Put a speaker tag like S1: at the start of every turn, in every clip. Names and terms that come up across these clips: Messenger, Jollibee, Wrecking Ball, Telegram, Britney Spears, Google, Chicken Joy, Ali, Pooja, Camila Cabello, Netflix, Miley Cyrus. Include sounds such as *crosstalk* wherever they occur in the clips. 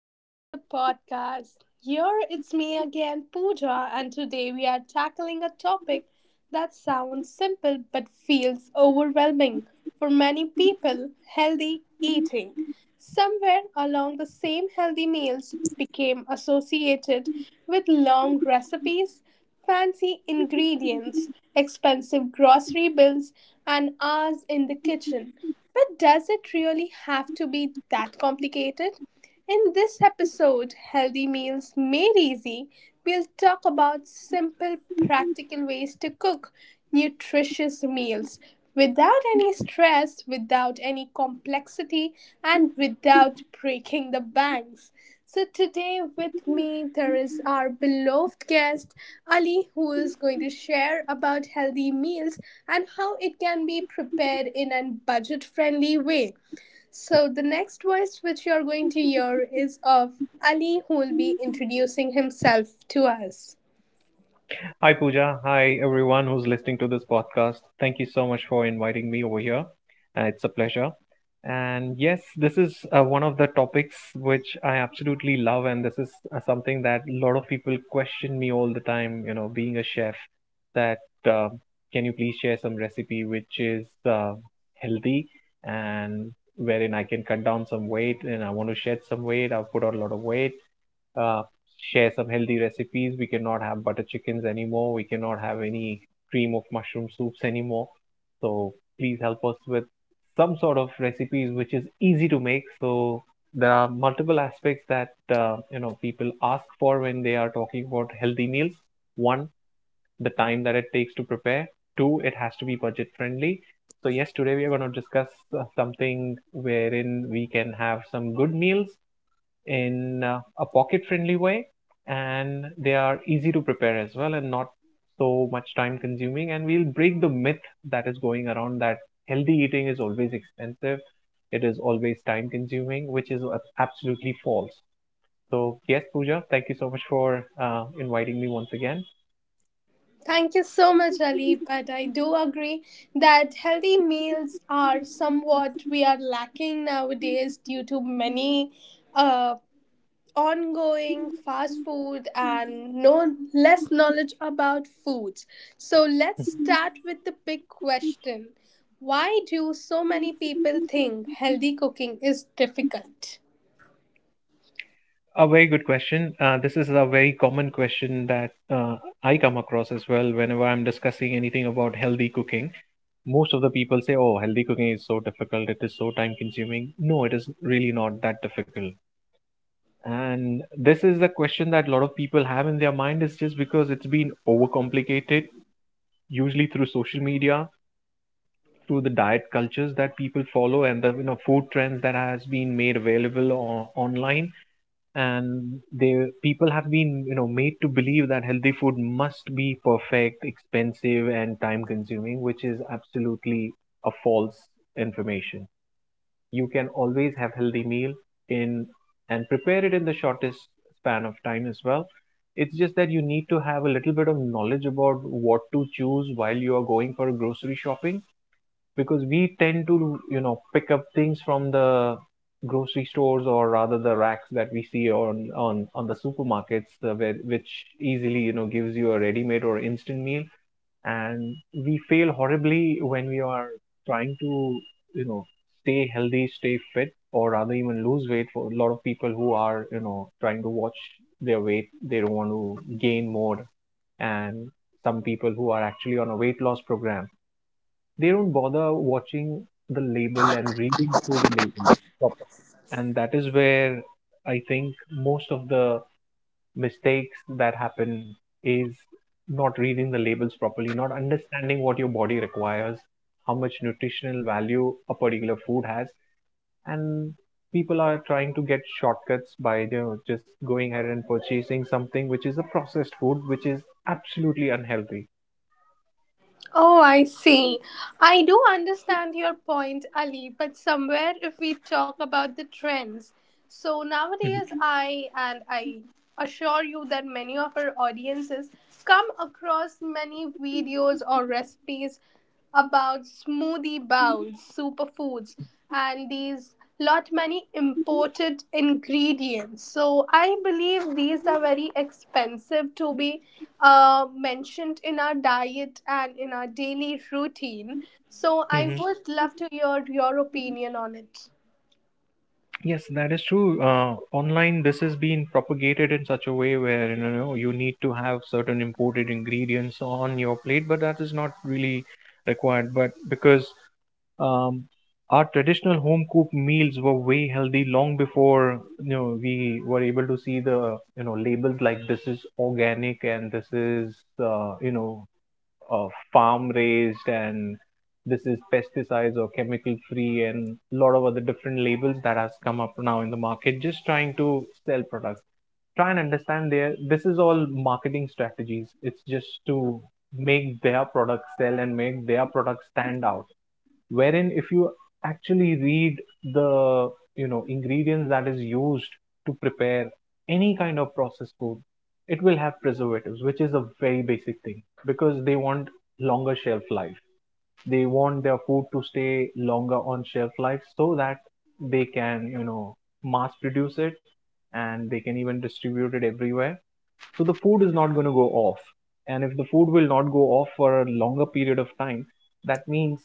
S1: back to the podcast. Here it's me again, Pooja, and today we are tackling a topic that sounds simple but feels overwhelming for many people healthy eating. Somewhere along the same healthy meals became associated with long recipes, fancy ingredients, expensive grocery bills, and hours in the kitchen. But does it really have to be that complicated? In this episode, Healthy Meals Made Easy, we'll talk about simple, practical ways to cook nutritious meals without any stress, without any complexity, and without breaking the banks. So, today with me, there is our beloved guest, Ali, who is going to share about healthy meals and how it can be prepared in a budget friendly way. So the next voice which you're going to hear is of Ali who will be introducing himself to us.
S2: Hi, Pooja. Hi, everyone who's listening to this podcast. Thank you so much for inviting me over here. It's a pleasure. And yes, this is one of the topics which I absolutely love, and this is something that a lot of people question me all the time. You know, being a chef, that uh, can you please share some recipe which is healthy and wherein I can cut down some weight, and I want to shed some weight. I've put on a lot of weight, uh, share some healthy recipes. We cannot have butter chickens anymore. We cannot have any cream of mushroom soups anymore. So please help us with some sort of recipes which is easy to make. So there are multiple aspects that people ask for when they are talking about healthy meals. One, the time that it takes to prepare. Two, it has to be budget friendly. So yes, today we are going to discuss something wherein we can have some good meals in a pocket friendly way, and they are easy to prepare as well and not so much time consuming, and we'll break the myth that is going around that healthy eating is always expensive, it is always time consuming, which is absolutely false. So yes, Pooja, thank you so much for inviting me once again.
S1: Thank you so much Ali, but I do agree that healthy meals are somewhat we are lacking nowadays due to many uh, ongoing fast food and no less knowledge about foods. So let's start with the big question. Why do so many people think healthy cooking is difficult?
S2: A very good question. This is a very common question that I come across as well whenever I'm discussing anything about healthy cooking. Most of the people say, "Oh, healthy cooking is so difficult, it is so time consuming." No, it is really not that difficult. And this is the question that a lot of people have in their mind, is just because it's been overcomplicated, usually through social media, through the diet cultures that people follow and the food trends that has been made available online. And they people have been made to believe that healthy food must be perfect, expensive and time consuming, which is absolutely a false information. You can always have healthy meal in and prepare it in the shortest span of time as well. It's just that you need to have a little bit of knowledge about what to choose while you are going for grocery shopping, because we tend to pick up things from the grocery stores, or rather the racks that we see on the supermarkets, where, which easily gives you a ready made or instant meal. And we fail horribly when we are trying to you know stay healthy, stay fit, or rather even lose weight. For a lot of people who are trying to watch their weight, they don't want to gain more. And some people who are actually on a weight loss program, they don't bother watching the label and reading through the label. And that is where I think most of the mistakes that happen is not reading the labels properly, not understanding what your body requires, how much nutritional value a particular food has, and people are trying to get shortcuts by just going ahead and purchasing something which is a processed food which is absolutely unhealthy.
S1: Oh, I see. I do understand your point, Ali, but somewhere if we talk about the trends. So
S2: Mhm.
S1: nowadays, I assure you that many of our audiences come across many videos or recipes about smoothie bowls, superfoods, and these lot many imported ingredients. So I believe these are very expensive to be mentioned in our diet and in our daily routine. So I
S2: Mhm.
S1: would love to hear your opinion on it.
S2: Yes, that is true. Online, this has been propagated in such a way where you need to have certain imported ingredients on your plate, but that is not really required. But because um, our traditional home cooked meals were way healthy long before we were able to see the labels like this is organic, and this is uh, you know farm raised, and this is pesticides or chemical free, and a lot of other different labels that has come up now in the market just trying to sell products. Try and understand their, this is all marketing strategies, it's just to make their product sell and make their product stand out. Wherein if you actually read the ingredients that is used to prepare any kind of processed food, it will have preservatives which is a very basic thing. Because they want longer shelf life, they want their food to stay longer on shelf life so that they can mass produce it, and they can even distribute it everywhere, so the food is not going to go off. And if the food will not go off for a longer period of time, that means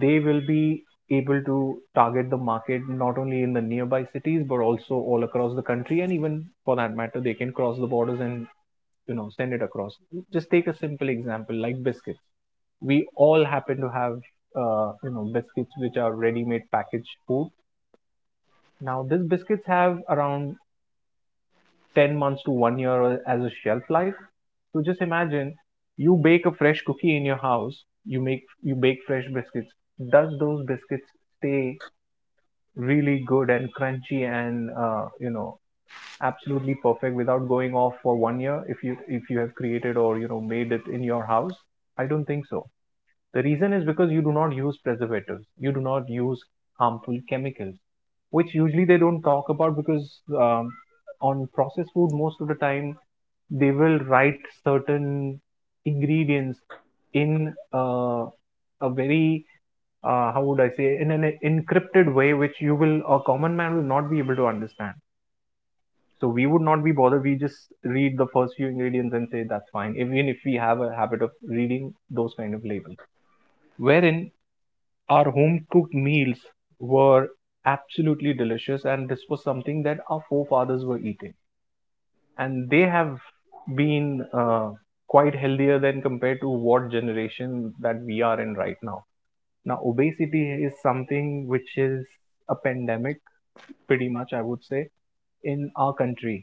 S2: they will be able to target the market not only in the nearby cities but also all across the country, and even for that matter they can cross the borders and send it across. Just take a simple example like biscuits. We all happen to have biscuits which are ready made packaged food. Now these biscuits have around 10 months to 1 year as a shelf life. So just imagine, you bake a fresh cookie in your house, you make you bake fresh biscuits. Does those biscuits stay really good and crunchy and absolutely perfect without going off for 1 year if you have created or made it in your house? I don't think so. The reason is because you do not use preservatives, you do not use harmful chemicals, which usually they don't talk about. Because um, on processed food, most of the time they will write certain ingredients in a very, how would I say, in an encrypted way, which you will, a common man will not be able to understand. So we would not be bothered. We just read the first few ingredients and say that's fine, even if we have a habit of reading those kind of labels. Wherein our home cooked meals were absolutely delicious, and this was something that our forefathers were eating, and they have been quite healthier than compared to what generation that we are in right now. Now, obesity is something which is a pandemic, pretty much, I would say, in our country.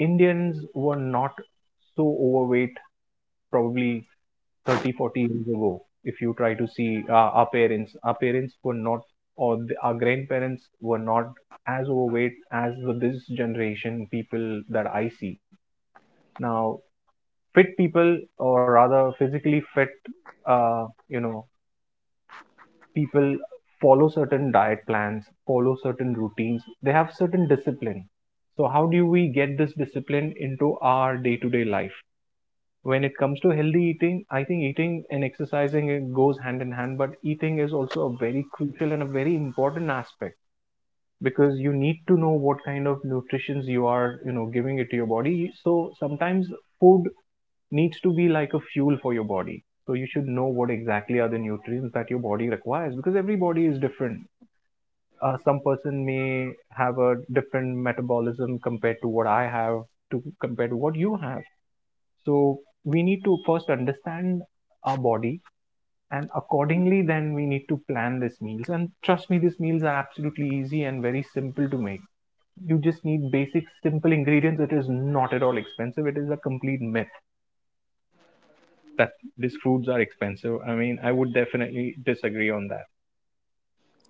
S2: Indians were not so overweight probably 30, 40 years ago. If you try to see our parents, were not, or our grandparents were not as overweight as this generation people that I see. Now, fit people, or rather physically fit, uh, you know, people follow certain diet plans, follow certain routines, they have certain discipline. So, how do we get this discipline into our day to day life? When it comes to healthy eating, I think eating and exercising it goes hand in hand, but eating is also a very crucial and a very important aspect, because you need to know what kind of nutritions you are giving it to your body. So sometimes food needs to be like a fuel for your body, so you should know what exactly are the nutrients that your body requires, because every body is different. Some person may have a different metabolism compared to what I have to, compared to what you have. So we need to first understand our body, and accordingly then we need to plan these meals, and trust me these meals are absolutely easy and very simple to make. You just need basic simple ingredients, it is not at all expensive, it is a complete myth that these foods are expensive. I mean, I would definitely disagree on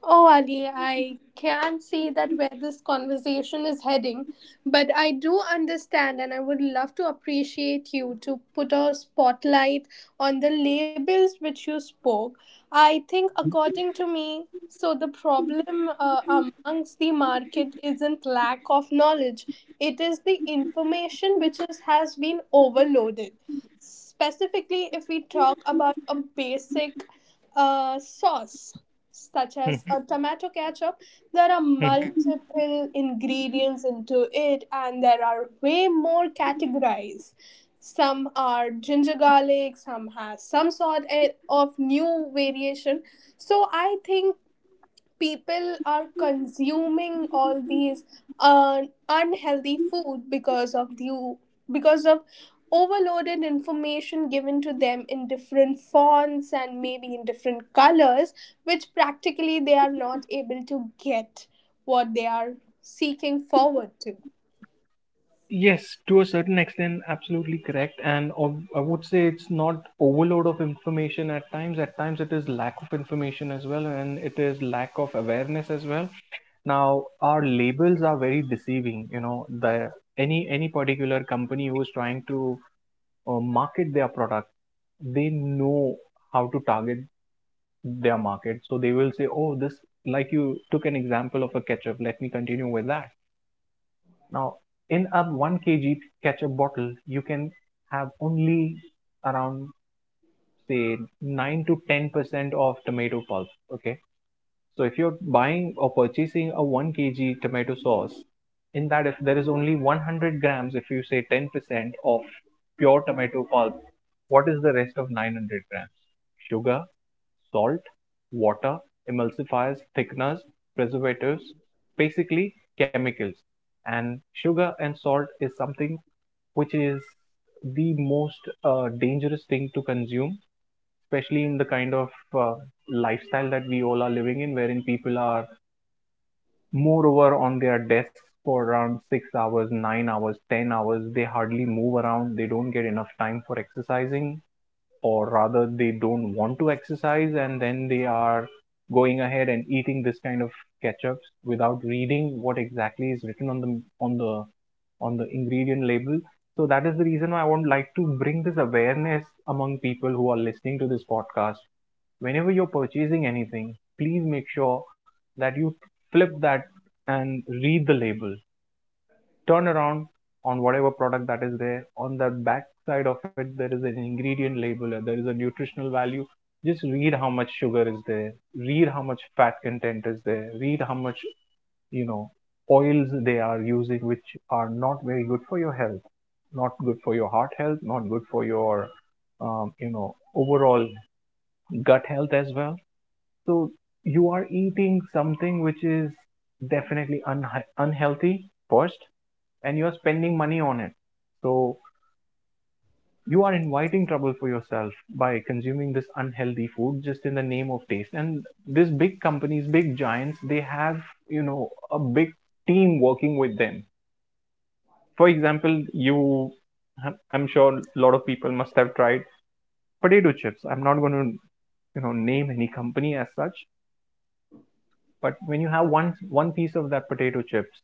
S1: Oh, Ali, I can't say that where this conversation is heading, but I do understand and I would love to appreciate you to put a spotlight on the labels which you spoke. I think, according to me, so the problem amongst the market isn't lack of knowledge, it is the information which is, has been overloaded. Specifically, if we talk about a basic sauce, such
S2: that.
S1: as a tomato ketchup, there are
S2: *laughs*
S1: multiple ingredients into it, and there are way more categories. Some are ginger garlic, some has some sort of new variation. So I think people are consuming all these uh, unhealthy food because of overloaded information given to them in different fonts and maybe in different colors which practically they are not able to get what they are seeking forward to.
S2: Yes, to a certain extent, absolutely correct. I would say it's not overload of information at times. At times, it is lack of information as well, and it is lack of awareness as well. Now, our labels are very deceiving. You know, the any particular company who is trying to market their product, they know how to target their market. So they will say, "Oh, this." Like you took an example of a ketchup. Let me continue with that. Now, in a 1 kg ketchup bottle, you can have only around say 9 to 10% of tomato pulp. Okay, so if you're buying or purchasing a 1 kg tomato sauce, in that if there is only 100 grams, if you say 10% of pure tomato pulp, what is the rest of 900 grams? Sugar, salt, water, emulsifiers, thickeners, preservatives, basically chemicals. And sugar and salt is something which is the most dangerous thing to consume, especially in the kind of uh, lifestyle that we all are living in, wherein people are moreover on their desks for around 6 hours, 9 hours, 10 hours. They hardly move around. They don't get enough time for exercising, or rather they don't want to exercise, and then they are going ahead and eating this kind of ketchups without reading what exactly is written on the ingredient label. So that is the reason why I would like to bring this awareness among people who are listening to this podcast. Whenever you're purchasing anything, please make sure that you flip that and read the label. Turnaround on whatever product that is there. On the back side of it, there is an ingredient label, there is a nutritional value. Just read how much sugar is there, read how much fat content is there, read how much you know oils they are using, which are not very good for your health, not good for your heart health, not good for your overall gut health as well. So you are eating something which is definitely unhealthy first, and you are spending money on it. So you are inviting trouble for yourself by consuming this unhealthy food just in the name of taste. And these big companies, big giants, they have, you know, a big team working with them. For example, you, I'm sure a lot of people must have tried potato chips. I'm not going to, you know, name any company as such. But when you have one piece of that potato chips,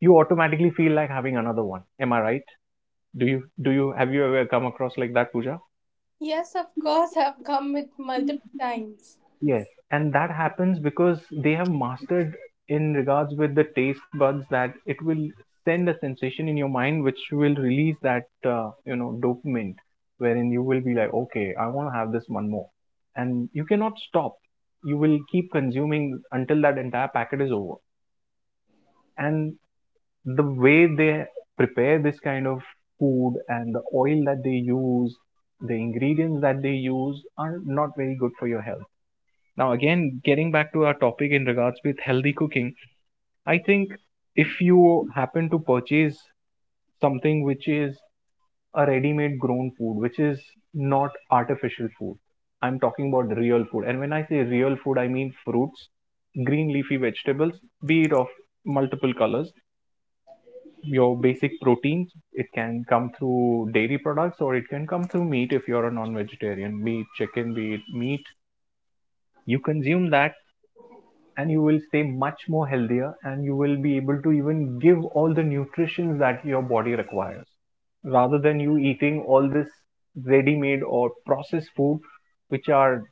S2: you automatically feel like having another one. Am I right? Do you have you ever come across like that, Pooja?
S1: Yes, of course, I've come with multiple times.
S2: Yes. And that happens because they have mastered in regards with the taste buds, that it will send a sensation in your mind which will release that dopamine, wherein you will be like, okay, I want to have this one more and you cannot stop. You will keep consuming until that entire packet is over. And the way they prepare this kind of food and the oil that they use, the ingredients that they use are not very good for your health. Now, again, getting back to our topic in regards with healthy cooking, I think if you happen to purchase something which is a ready-made grown food, which is not artificial food, I'm talking about real food. And when I say real food, I mean fruits, green leafy vegetables, be it of multiple colors, your basic proteins. It can come through dairy products or it can come through meat if you're a non vegetarian. Be it chicken, be it meat. You consume that and you will stay much more healthier, and you will be able to even give all the nutrition that your body requires, rather than you eating all this ready made or processed food, which are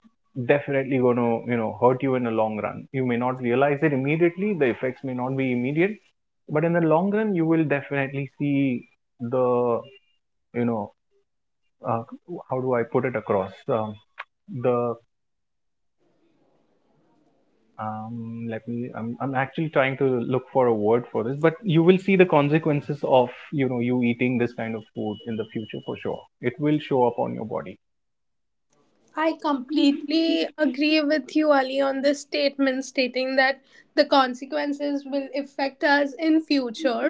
S2: definitely going to, you know, hurt you in the long run. You may not realize it immediately, the effects may not be immediate, but in the long run you will definitely see the you know uh, how do I put it across the let me, I'm actually trying to look for a word for this, but you will see the consequences of, you know, you eating this kind of food in the future. For sure it will show up on your body.
S1: I completely agree with you, Ali, on this statement stating that the consequences will affect us in future.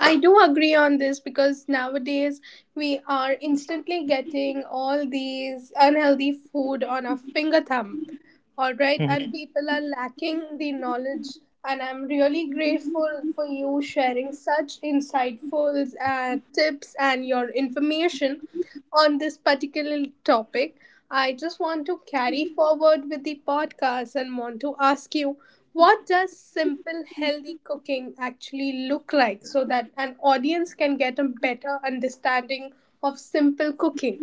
S1: I do agree on this because nowadays we are instantly getting all these unhealthy food on our finger thumb. All right, and
S2: Mhm.
S1: people are lacking the knowledge. And I'm really grateful for you sharing such insightful tips and your information on this particular topic. I just want to carry forward with the podcast and want to ask you what does simple, healthy cooking actually look like so that an audience can get a better understanding of simple cooking?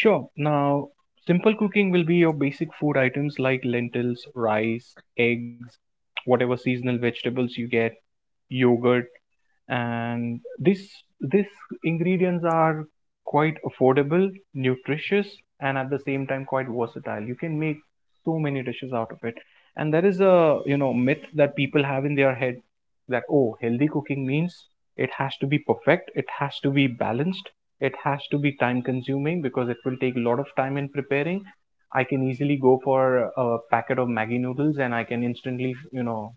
S2: Sure. Now, simple cooking will be your basic food items like lentils, rice, eggs, whatever seasonal vegetables you get, yogurt. And this ingredients are quite affordable, nutritious, and at the same time quite versatile. You can make so many dishes out of it. And there is a, you know, myth that people have in their head that, oh, healthy cooking means it has to be perfect, it has to be balanced, it has to be time consuming because it will take a lot of time in preparing. I can easily go for a packet of Maggie noodles and I can instantly, you know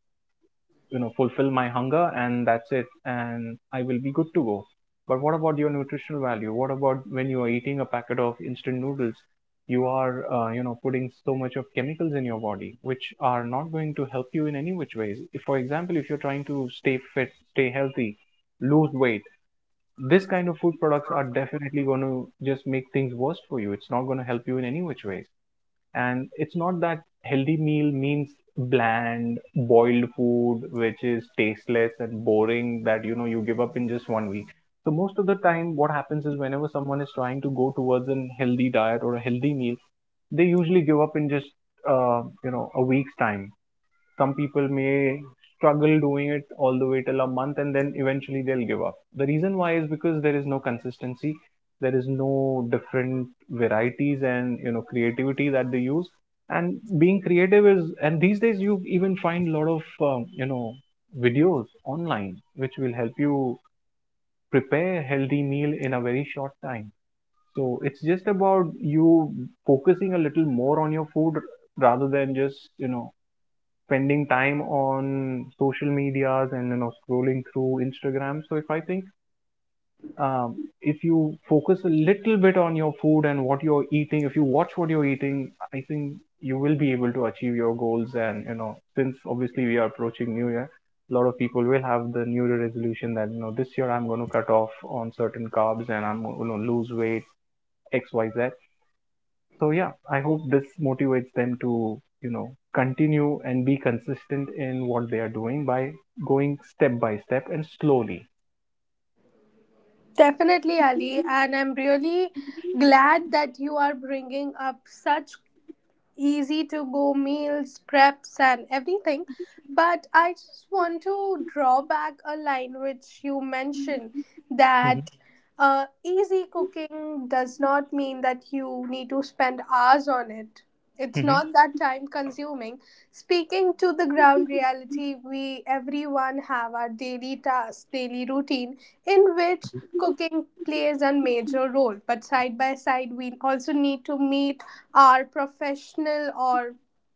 S2: you know fulfill my hunger, and that's it, and I will be good to go. But what about your nutritional value? What about when you are eating a packet of instant noodles? You are you know, putting so much of chemicals in your body which are not going to help you in any which ways. If, for example, if you're trying to stay fit, stay healthy, lose weight, this kind of food products are definitely going to just make things worse for you. It's not going to help you in any which ways. And it's not that healthy meal means bland boiled food which is tasteless and boring, that, you know, you give up in just one week. So most of the time what happens is whenever someone is trying to go towards a healthy diet or a healthy meal, they usually give up in just you know, a week's time. Some people may struggle doing it all the way till a month, and then eventually they'll give up. The reason why is because there is no consistency, there is no different varieties and, you know, creativity that they use. And being creative is, and these days you even find a lot of you know, videos online which will help you prepare a healthy meal in a very short time. So it's just about you focusing a little more on your food rather than just, you know, spending time on social medias and, you know, scrolling through Instagram. So if I think, um, if you focus a little bit on your food and what you're eating, if you watch what you're eating, I think you will be able to achieve your goals. And you know, since obviously we are approaching New Year, a lot of people will have the New Year resolution that, you know, this year I'm going to cut off on certain carbs and I'm going to lose weight, X Y Z. So yeah, I hope this motivates them to, you know, continue and be consistent in what they are doing by going step by step and slowly.
S1: Definitely, Ali, and I'm really glad that you are bringing up such easy to go meals, preps, and everything. But I just want to draw back a line which you mentioned
S2: Mm-hmm.
S1: that easy cooking does not mean that you need to spend hours on it. It's
S2: Hmm.
S1: not that time consuming. Speaking to the ground reality, we everyone have our daily tasks, daily routine in which cooking plays a major role. But side by side, we also need to meet our professional or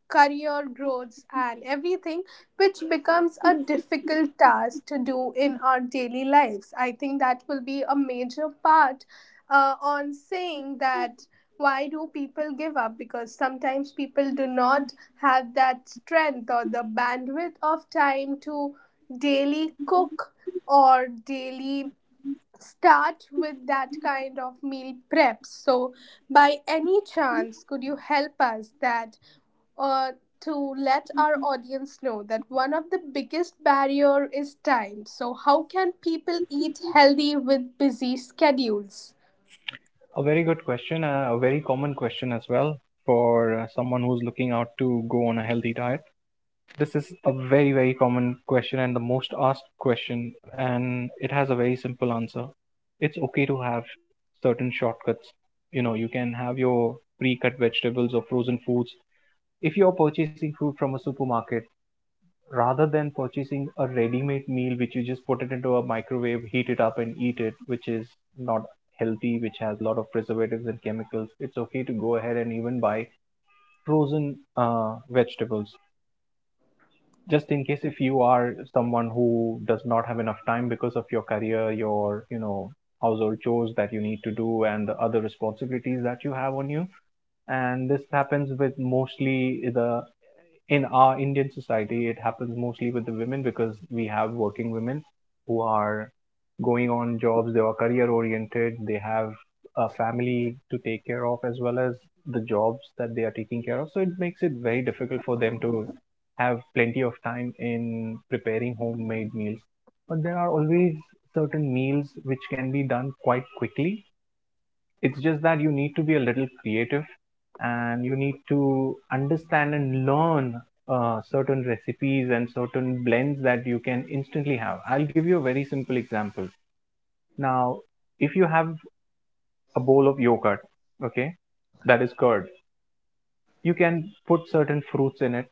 S1: career growths and everything which becomes a difficult task to do in our daily lives. I think that will be a major part on saying that why do people give up because sometimes people do not have that strength or the bandwidth of time to daily cook or daily start with that kind of meal prep. So, by any chance, could you help us that uh, to let our audience know that one of the biggest barrier is time. So, how can people eat healthy with busy schedules?
S2: A very good question, a very common question as well for someone who's looking out to go on a healthy diet. This is a very, very common question and the most asked question, and it has a very simple answer. It's okay to have certain shortcuts. You know, you can have your pre cut vegetables or frozen foods if you're purchasing food from a supermarket, rather than purchasing a ready-made meal which you just put it into a microwave, heat it up and eat it, which is not healthy, which has a lot of preservatives and chemicals. It's okay to go ahead and even buy frozen vegetables, just in case if you are someone who does not have enough time because of your career, your, you know, household chores that you need to do and the other responsibilities that you have on you. And this happens with mostly the, in our Indian society, it happens mostly with the women, because we have working women who are going on jobs, they are career oriented, they have a family to take care of as well as the jobs that they are taking care of. So it makes it very difficult for them to have plenty of time in preparing homemade meals. But there are always certain meals which can be done quite quickly. It's just that you need to be a little creative, and you need to understand and learn certain recipes and certain blends that you can instantly have. I'll give you a very simple example. Now, if you have a bowl of yogurt, okay, that is curd, you can put certain fruits in it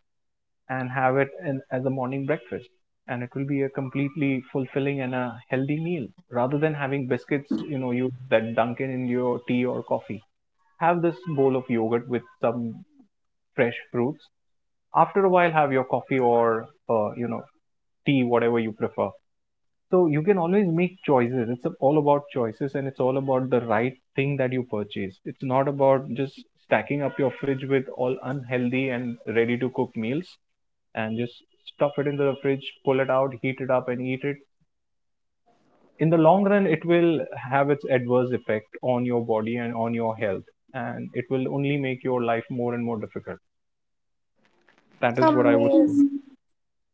S2: and have it in, as a morning breakfast. And it will be a completely fulfilling and a healthy meal, rather than having biscuits, you know, you that dunk in your tea or coffee. Have this bowl of yogurt with some fresh fruits. After a while, have your coffee or, you know, tea, whatever you prefer. So you can always make choices. It's all about choices, and it's all about the right thing that you purchase. It's not about just stacking up your fridge with all unhealthy and ready to cook meals and just stuff it into the fridge, pull it out, heat it up, and eat it. In the long run it will have its adverse effect on your body and on your health, and it will only make your life more and more difficult. That is what I would
S1: Amazing.
S2: say.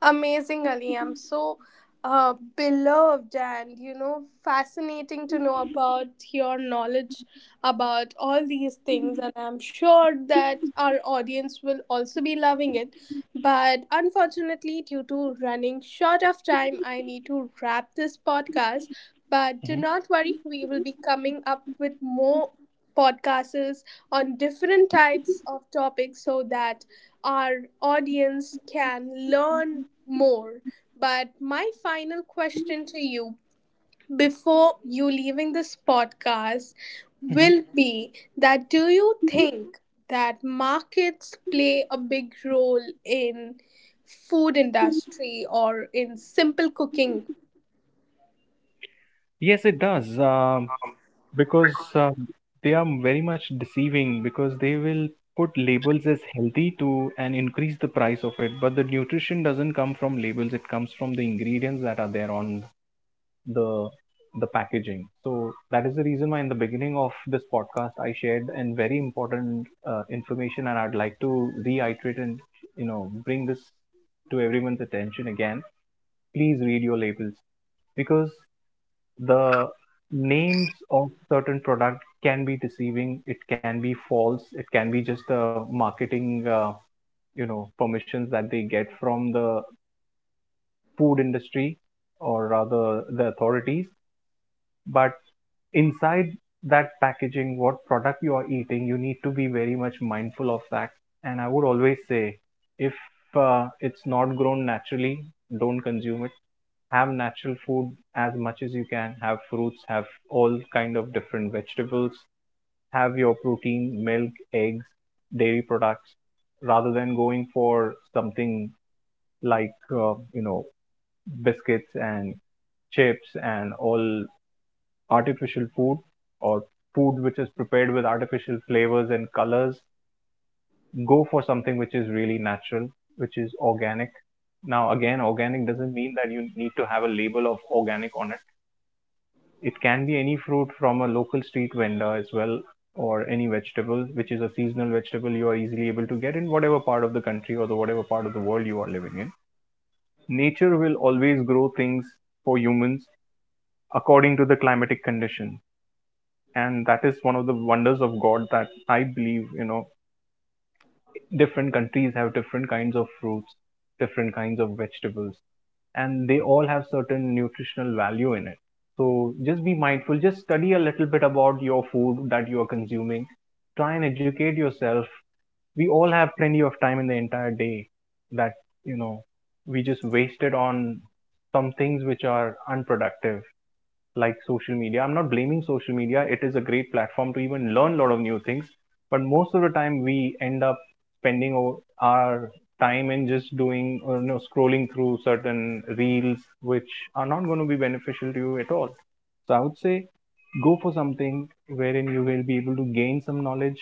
S1: Amazing, Ali. I'm so beloved and, you know, fascinating to know about your knowledge about all these things. And I'm sure that our audience will also be loving it. But unfortunately, due to running short of time, I need to wrap this podcast. But do
S2: Mhm,
S1: not worry, we will be coming up with more podcasts on different types of topics so that our audience can learn more. But my final question to you before you leaving this podcast
S2: mhm.
S1: will be that do you think that markets play a big role in food industry or in simple cooking?
S2: Yes, it does. Because they are very much deceiving, because they will put labels as healthy to and increase the price of it, but the nutrition doesn't come from labels, it comes from the ingredients that are there on the the packaging. So that is the reason why in the beginning of this podcast I shared and very important information, and I'd like to reiterate and, you know, bring this to everyone's attention again. Please read your labels, because the names of certain product can be deceiving. It can be false. It can be just a marketing permissions that they get from the food industry or rather the authorities. But inside that packaging, what product you are eating, you need to be very much mindful of that. And I would always say, if it's not grown naturally, don't consume it. Have natural food as much as you can. Have fruits, have all kind of different vegetables, have your protein, milk, eggs, dairy products, rather than going for something like, you know, biscuits and chips and all artificial food, or food which is prepared with artificial flavors and colors. Go for something which is really natural, which is organic. Now, again, organic doesn't mean that you need to have a label of organic on it. It can be any fruit from a local street vendor as well, or any vegetable, which is a seasonal vegetable you are easily able to get in whatever part of the country or the whatever part of the world you are living in. Nature will always grow things for humans according to the climatic conditions. And that is one of the wonders of God, that I believe, you know, different countries have different kinds of fruits, different kinds of vegetables, and they all have certain nutritional value in it. So just be mindful, just study a little bit about your food that you are consuming. Try and educate yourself. We all have plenty of time in the entire day that, you know, we just waste it on some things which are unproductive, like social media. I'm not blaming social media, it is a great platform to even learn a lot of new things. But most of the time, we end up spending our time in just doing or, you know, scrolling through certain reels which are not going to be beneficial to you at all. So I would say go for something wherein you will be able to gain some knowledge,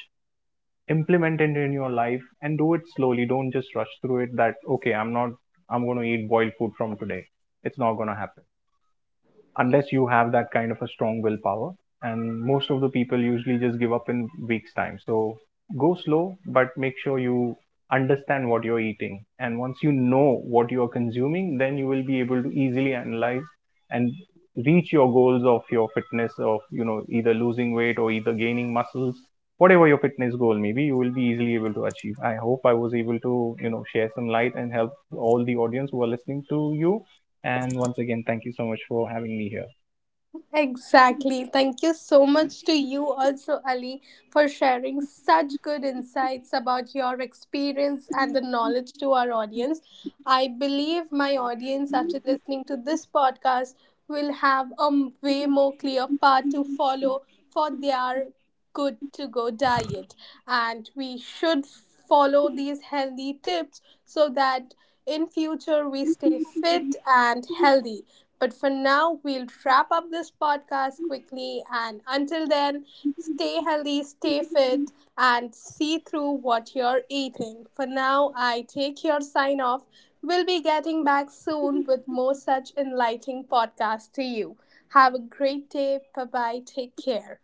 S2: implement it in your life, and do it slowly. Don't just rush through it. That, okay, I'm not, I'm going to eat boiled food from today. It's not going to happen unless you have that kind of a strong willpower. And most of the people usually just give up in weeks' time. So go slow, but make sure you understand what you're eating. And once you know what you are consuming, then you will be able to easily analyze and reach your goals of your fitness, of, you know, either losing weight or either gaining muscles, whatever your fitness goal maybe, you will be easily able to achieve. I hope I was able to, you know, share some light and help all the audience who are listening to you. And once again, thank you so much for having me here.
S1: Exactly. Thank you so much to you also, Ali, for sharing such good insights about your experience and the knowledge to our audience. I believe my audience, after listening to this podcast, will have a way more clear path to follow for their good to go diet. And we should follow these healthy tips so that in future we stay fit and healthy, but for now, we'll wrap up this podcast quickly. And until then, stay healthy, stay fit, and see through what you're eating. For now, I take your sign off. We'll be getting back soon with more such enlightening podcasts to you. Have a great day. Bye bye. Take care.